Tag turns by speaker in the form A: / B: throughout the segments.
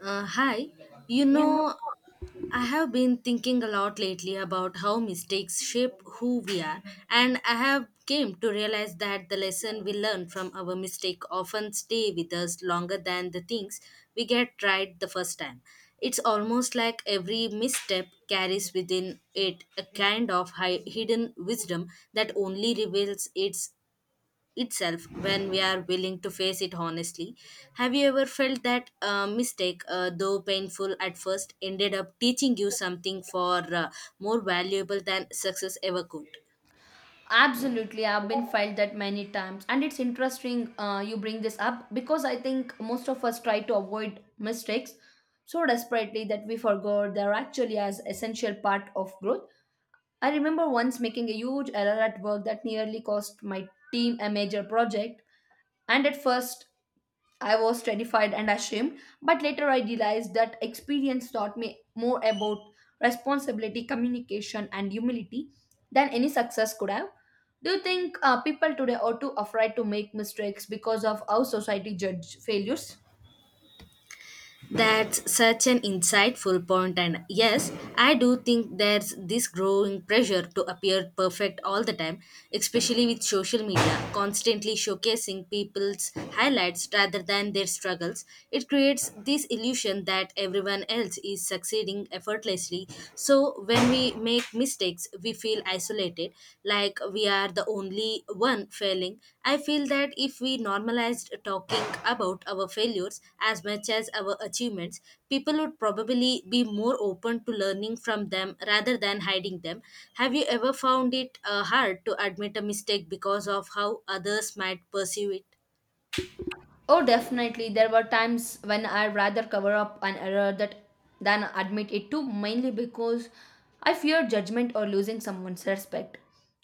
A: Hi. You
B: You know,
A: know, I have been thinking a lot lately about how mistakes shape who we are, and I have came to realize that the lesson we learn from our mistake often stay with us longer than the things we get right the first time. It's almost like every misstep carries within it a kind of hidden wisdom that only reveals itself when we are willing to face it honestly. Have you ever felt that a mistake, though painful at first, ended up teaching you something for more valuable than success ever could?
B: absolutely. I've been felt that many times, and it's interesting you bring this up because I think most of us try to avoid mistakes so desperately that we forgot they're actually as essential part of growth. I remember once making a huge error at work that nearly cost my team a major project, and at first I was terrified and ashamed, but later I realized that experience taught me more about responsibility, communication, and humility than any success could have. Do you think people today are too afraid to make mistakes because of how society judge failures?
A: That's such an insightful point, and yes, I do think there's this growing pressure to appear perfect all the time, especially with social media constantly showcasing people's highlights rather than their struggles. It creates this illusion that everyone else is succeeding effortlessly. So, when we make mistakes, friends, we feel isolated, like we are the only one failing. I feel that if we normalized talking about our failures as much as our achievements, people would probably be more open to learning from them rather than hiding them. Have you ever found it hard to admit a mistake because of how others might perceive it?
B: Oh, definitely. There were times when I rather cover up an error that than admit it to, mainly because I feared judgment or losing someone's respect.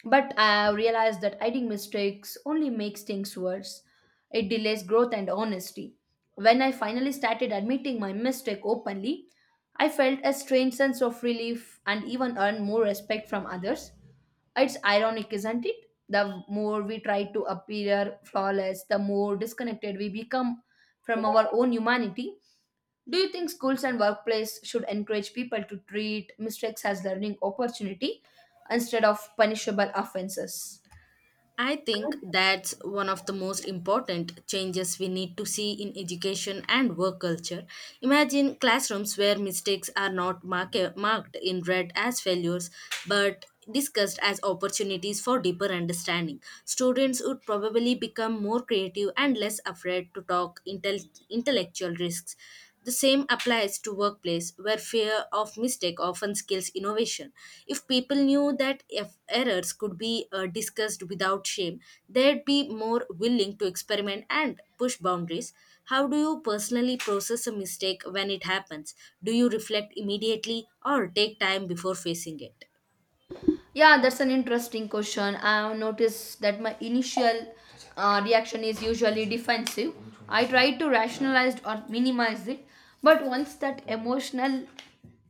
B: But I realized that hiding mistakes only makes things worse. It delays growth and honesty. When I finally started admitting my mistake openly, I felt a strange sense of relief and even earned more respect from others. It's ironic, isn't it? The more we try to appear flawless, the more disconnected we become from our own humanity. Do you think schools and workplace should encourage people to treat mistakes as learning opportunity instead of punishable offenses?
A: I think that's one of the most important changes we need to see in education and work culture. Imagine classrooms where mistakes are not marked in red as failures but discussed as opportunities for deeper understanding. Students would probably become more creative and less afraid to talk intellectual risks. The same applies to workplace where fear of mistake often kills innovation. If people knew that if errors could be discussed without shame, they'd be more willing to experiment and push boundaries. How do you personally process a mistake when it happens? Do you reflect immediately or take time before facing it?
B: Yeah, that's an interesting question. I have noticed that my initial reaction is usually defensive. I try to rationalize or minimize it, but once that emotional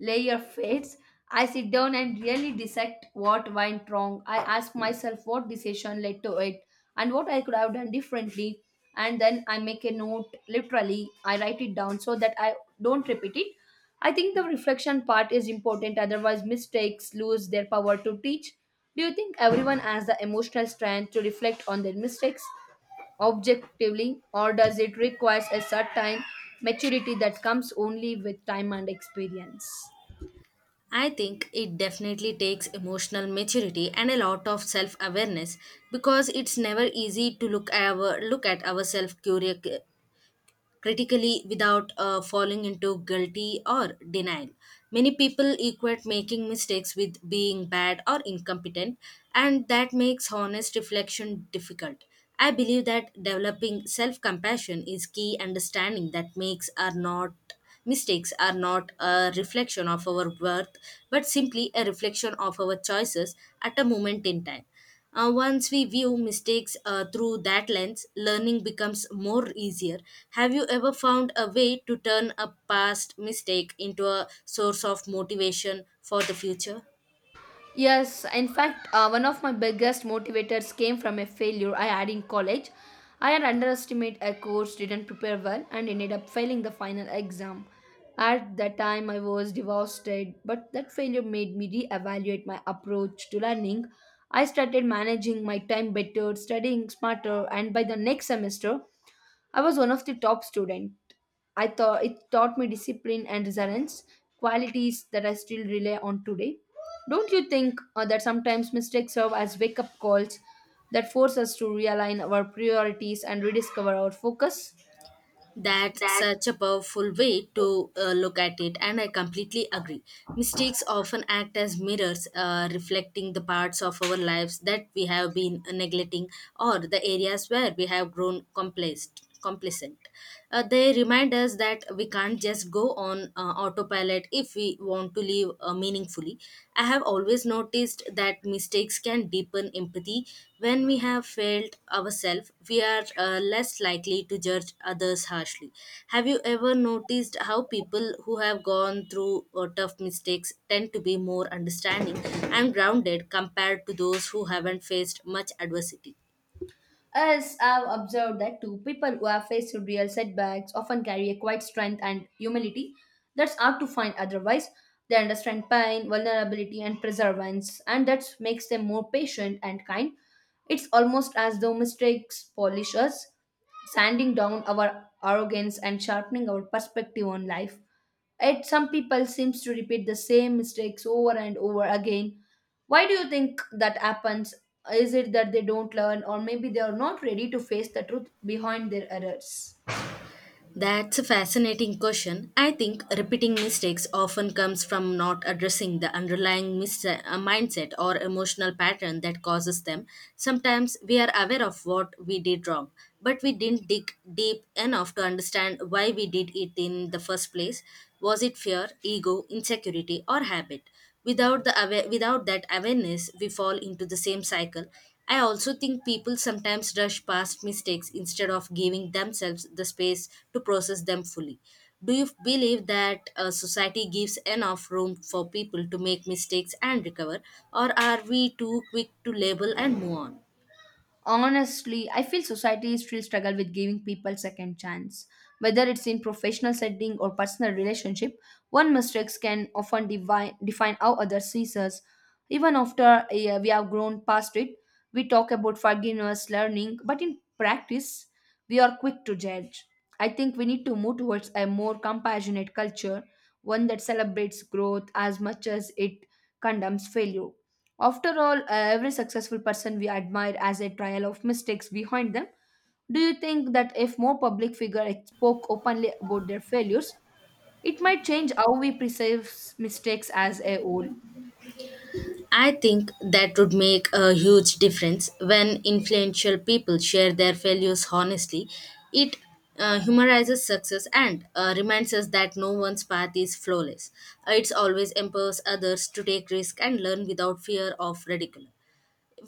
B: layer fades, I sit down and really dissect what went wrong. I ask myself what decision led to it and what I could have done differently. And then I make a note literally, I write it down so that I don't repeat it. I think the reflection part is important, otherwise, mistakes lose their power to teach. Do you think everyone has the emotional strength to reflect on their mistakes objectively, or does it require a certain maturity that comes only with time and experience?
A: I think it definitely takes emotional maturity and a lot of self awareness because it's never easy to look at ourselves critically without falling into guilty or denial. Many people equate making mistakes with being bad or incompetent, and that makes honest reflection difficult. I believe that developing self compassion is key understanding that makes are not mistakes are not a reflection of our worth but simply a reflection of our choices at a moment in time once we view mistakes through that lens, learning becomes more easier. Have you ever found a way to turn a past mistake into a source of motivation for the future?
B: Yes, in fact, one of my biggest motivators came from a failure I had in college. I had underestimated a course, didn't prepare well, and ended up failing the final exam. At that time, I was devastated, but that failure made me reevaluate my approach to learning. I started managing my time better, studying smarter, and by the next semester, I was one of the top student. I thought it taught me discipline and resilience, qualities that I still rely on today. Don't you think that sometimes mistakes serve as wake up calls that force us to realign our priorities and rediscover our focus?
A: That's such a powerful way to look at it, and I completely agree. Mistakes often act as mirrors, reflecting the parts of our lives that we have been neglecting or the areas where we have grown Complacent. They remind us that we can't just go on autopilot if we want to live a meaningfully. I have always noticed that mistakes can deepen empathy. When we have failed ourselves, we are less likely to judge others harshly. Have you ever noticed how people who have gone through tough mistakes tend to be more understanding and grounded compared to those who haven't faced much adversity?
B: As I've observed that too, people who have faced real setbacks often carry a quiet strength and humility that's hard to find otherwise. They understand pain, vulnerability, and perseverance, and that makes them more patient and kind. It's almost as though mistakes polish us, sanding down our arrogance and sharpening our perspective on life. Yet some people seems to repeat the same mistakes over and over again. Why do you think that happens? Is it that they don't learn or maybe they are not ready to face the truth behind their errors?
A: That's a fascinating question. I think repeating mistakes often comes from not addressing the underlying mindset or emotional pattern that causes them. Sometimes we are aware of what we did wrong, but we didn't dig deep enough to understand why we did it in the first place. Was it fear, ego, insecurity, or habit? Without that awareness, we fall into the same cycle. I also think people sometimes rush past mistakes instead of giving themselves the space to process them fully. Do you believe that society gives enough room for people to make mistakes and recover, or are we too quick to label and move on?
B: Honestly, I feel society still struggle with giving people second chance, whether it's in professional setting or personal relationship. One mistakes can often define how others sees us even after we have grown past it. We talk about forgiveness learning, but in practice we are quick to judge. I think we need to move towards a more compassionate culture, one that celebrates growth as much as it condemns failure. After all, every successful person we admire has a trial of mistakes behind them. Do you think that if more public figures spoke openly about their failures, it might change how we perceive mistakes as a whole?
A: I think that would make a huge difference when influential people share their failures honestly. It humanizes success and reminds us that no one's path is flawless. It always empowers others to take risks and learn without fear of ridicule.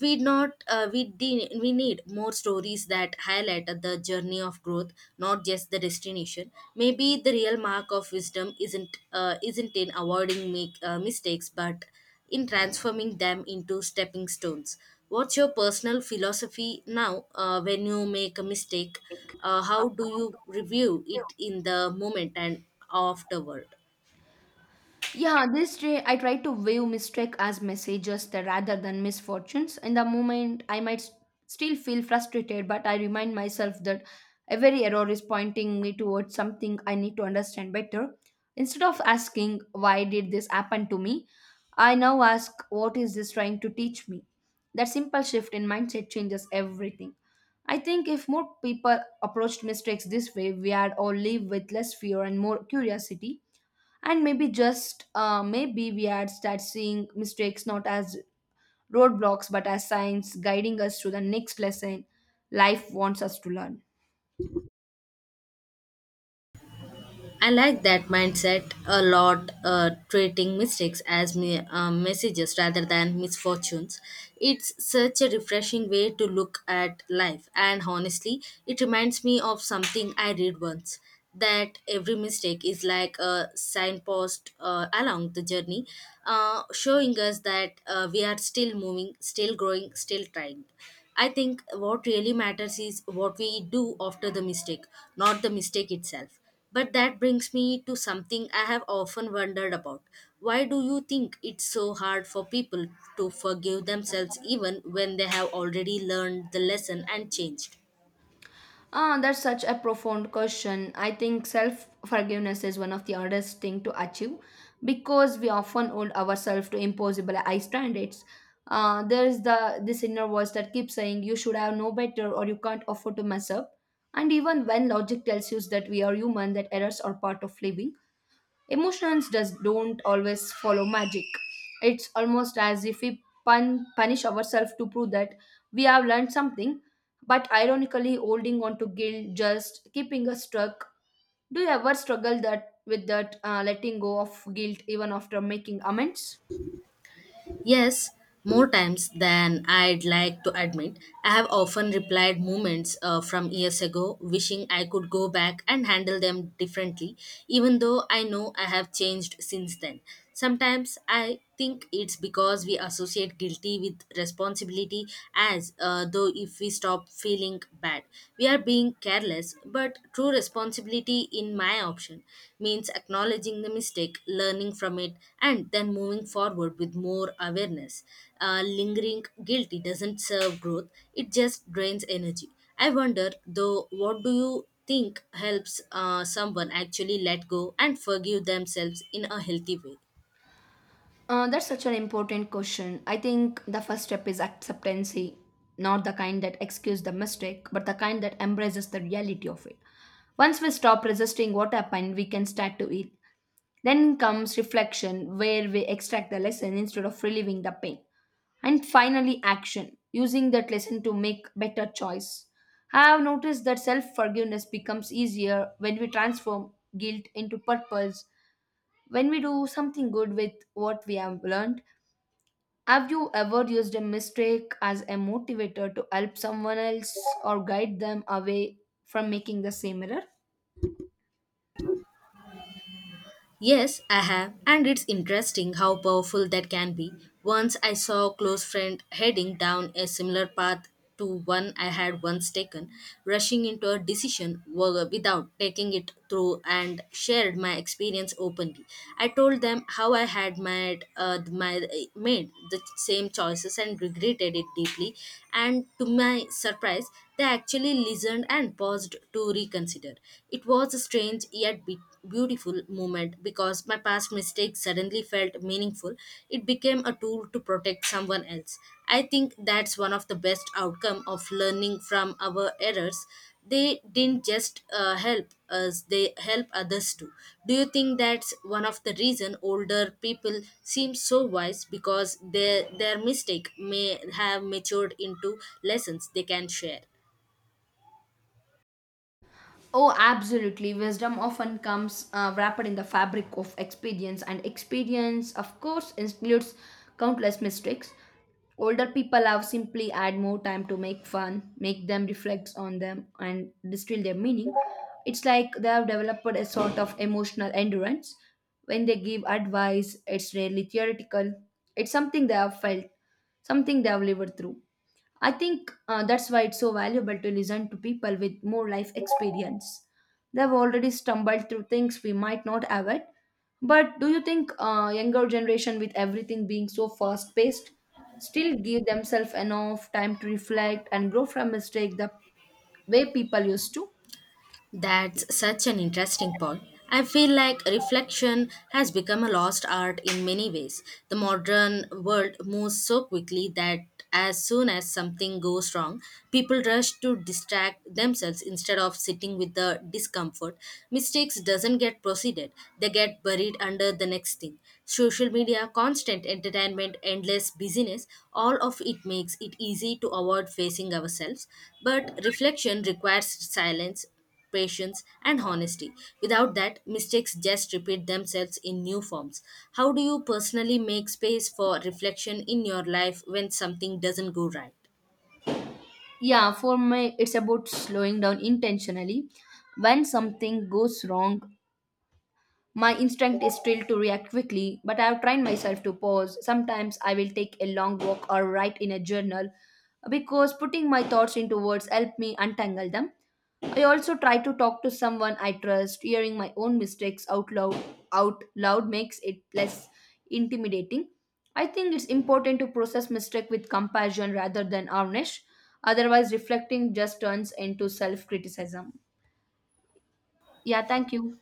A: We not uh, we de- we need more stories that highlight the journey of growth, not just the destination. Maybe the real mark of wisdom isn't in avoiding mistakes but in transforming them into stepping stones. What's your personal philosophy now, when you make a mistake, how do you review it in the moment and afterward?
B: Yeah, this day I try to view mistake as messages that rather than misfortunes. In the moment, I might still feel frustrated, but I remind myself that every error is pointing me towards something I need to understand better. Instead of asking why did this happen to me, I now ask what is this trying to teach me. That simple shift in mindset changes everything. I think if more people approached mistakes this way, we would all live with less fear and more curiosity, and maybe just maybe we had start seeing mistakes not as roadblocks but as signs guiding us to the next lesson life wants us to learn.
A: I like that mindset a lot, treating mistakes as messages rather than misfortunes. It's such a refreshing way to look at life, and honestly, it reminds me of something I read once that every mistake is like a signpost along the journey, showing us that we are still moving, still growing, still trying. I think what really matters is what we do after the mistake, not the mistake itself. But that brings me to something I have often wondered about. Why do you think it's so hard for people to forgive themselves even when they have already learned the lesson and changed?
B: Ah, that's such a profound question. I think self forgiveness is one of the hardest thing to achieve because we often hold ourselves to impossible high standards. Uh, there is the this inner voice that keeps saying you should have no better or you can't afford to mess up, and even when logic tells you that we are human, that errors are part of living, emotions just don't always follow magic. It's almost as if we punish ourselves to prove that we have learned something, but ironically, holding on to guilt just keeping us stuck. Do you ever struggle that with that letting go of guilt even after making amends?
A: Yes, more times than I'd like to admit. I have often replied moments from years ago, wishing I could go back and handle them differently, even though I know I have changed since then. Sometimes I think it's because we associate guilty with responsibility, as though if we stop feeling bad, we are being careless, but true responsibility, in my option, means acknowledging the mistake, learning from it, and then moving forward with more awareness. Lingering guilty doesn't serve growth, it just drains energy. I wonder, though, what do you think helps someone actually let go and forgive themselves in a healthy way?
B: That's such an important question. I think the first step is acceptance, not the kind that excuse the mistake, but the kind that embraces the reality of it. Once we stop resisting what happened, we can start to heal. Then comes reflection, where we extract the lesson instead of reliving the pain. And finally, action, using that lesson to make better choice. I have noticed that self forgiveness becomes easier when we transform guilt into purpose, when we do something good with what we have learned. Have you ever used a mistake as a motivator to help someone else or guide them away from making the same error?
A: Yes, I have, and it's interesting how powerful that can be. Once I saw a close friend heading down a similar path to one I had once taken, rushing into a decision without taking it through and shared my experience openly. I told them how I had made the same choices and regretted it deeply, and to my surprise, they actually listened and paused to reconsider. It was a strange yet beautiful moment because my past mistakes suddenly felt meaningful. It became a tool to protect someone else. I think that's one of the best outcome of learning from our errors. They didn't just help us; they help others too. Do you think that's one of the reason older people seem so wise because their mistake may have matured into lessons they can share?
B: Oh, absolutely. Wisdom often comes wrapped in the fabric of experience, and experience, of course, includes countless mistakes. Older people have simply had more time to make fun, make them reflect on them, and distill their meaning. It's like they have developed a sort of emotional endurance. When they give advice, it's rarely theoretical, it's something they have felt, something they have lived through. I think that's why it's so valuable to listen to people with more life experience. They've already stumbled through things we might not avoid. But do you think younger generation, with everything being so fast paced, still give themselves enough time to reflect and grow from mistake the way people used to?
A: That's such an interesting point. I feel like reflection has become a lost art in many ways. The modern world moves so quickly that as soon as something goes wrong, people rush to distract themselves instead of sitting with the discomfort. Mistakes doesn't get proceeded, they get buried under the next thing. Social media, constant entertainment, endless busyness, all of it makes it easy to avoid facing ourselves. But reflection requires silence, patience, and honesty. Without that, mistakes just repeat themselves in new forms. How do you personally make space for reflection in your life when something doesn't go right?
B: Yeah, for me, it's about slowing down intentionally. When something goes wrong, my instinct is still to react quickly, but I have trained myself to pause. Sometimes I will take a long walk or write in a journal because putting my thoughts into words help me untangle them. I also try to talk to someone I trust. Hearing my own mistakes out loud makes it less intimidating. I think it's important to process mistake with compassion rather than harness. Otherwise reflecting just turns into self-criticism. Yeah, thank you.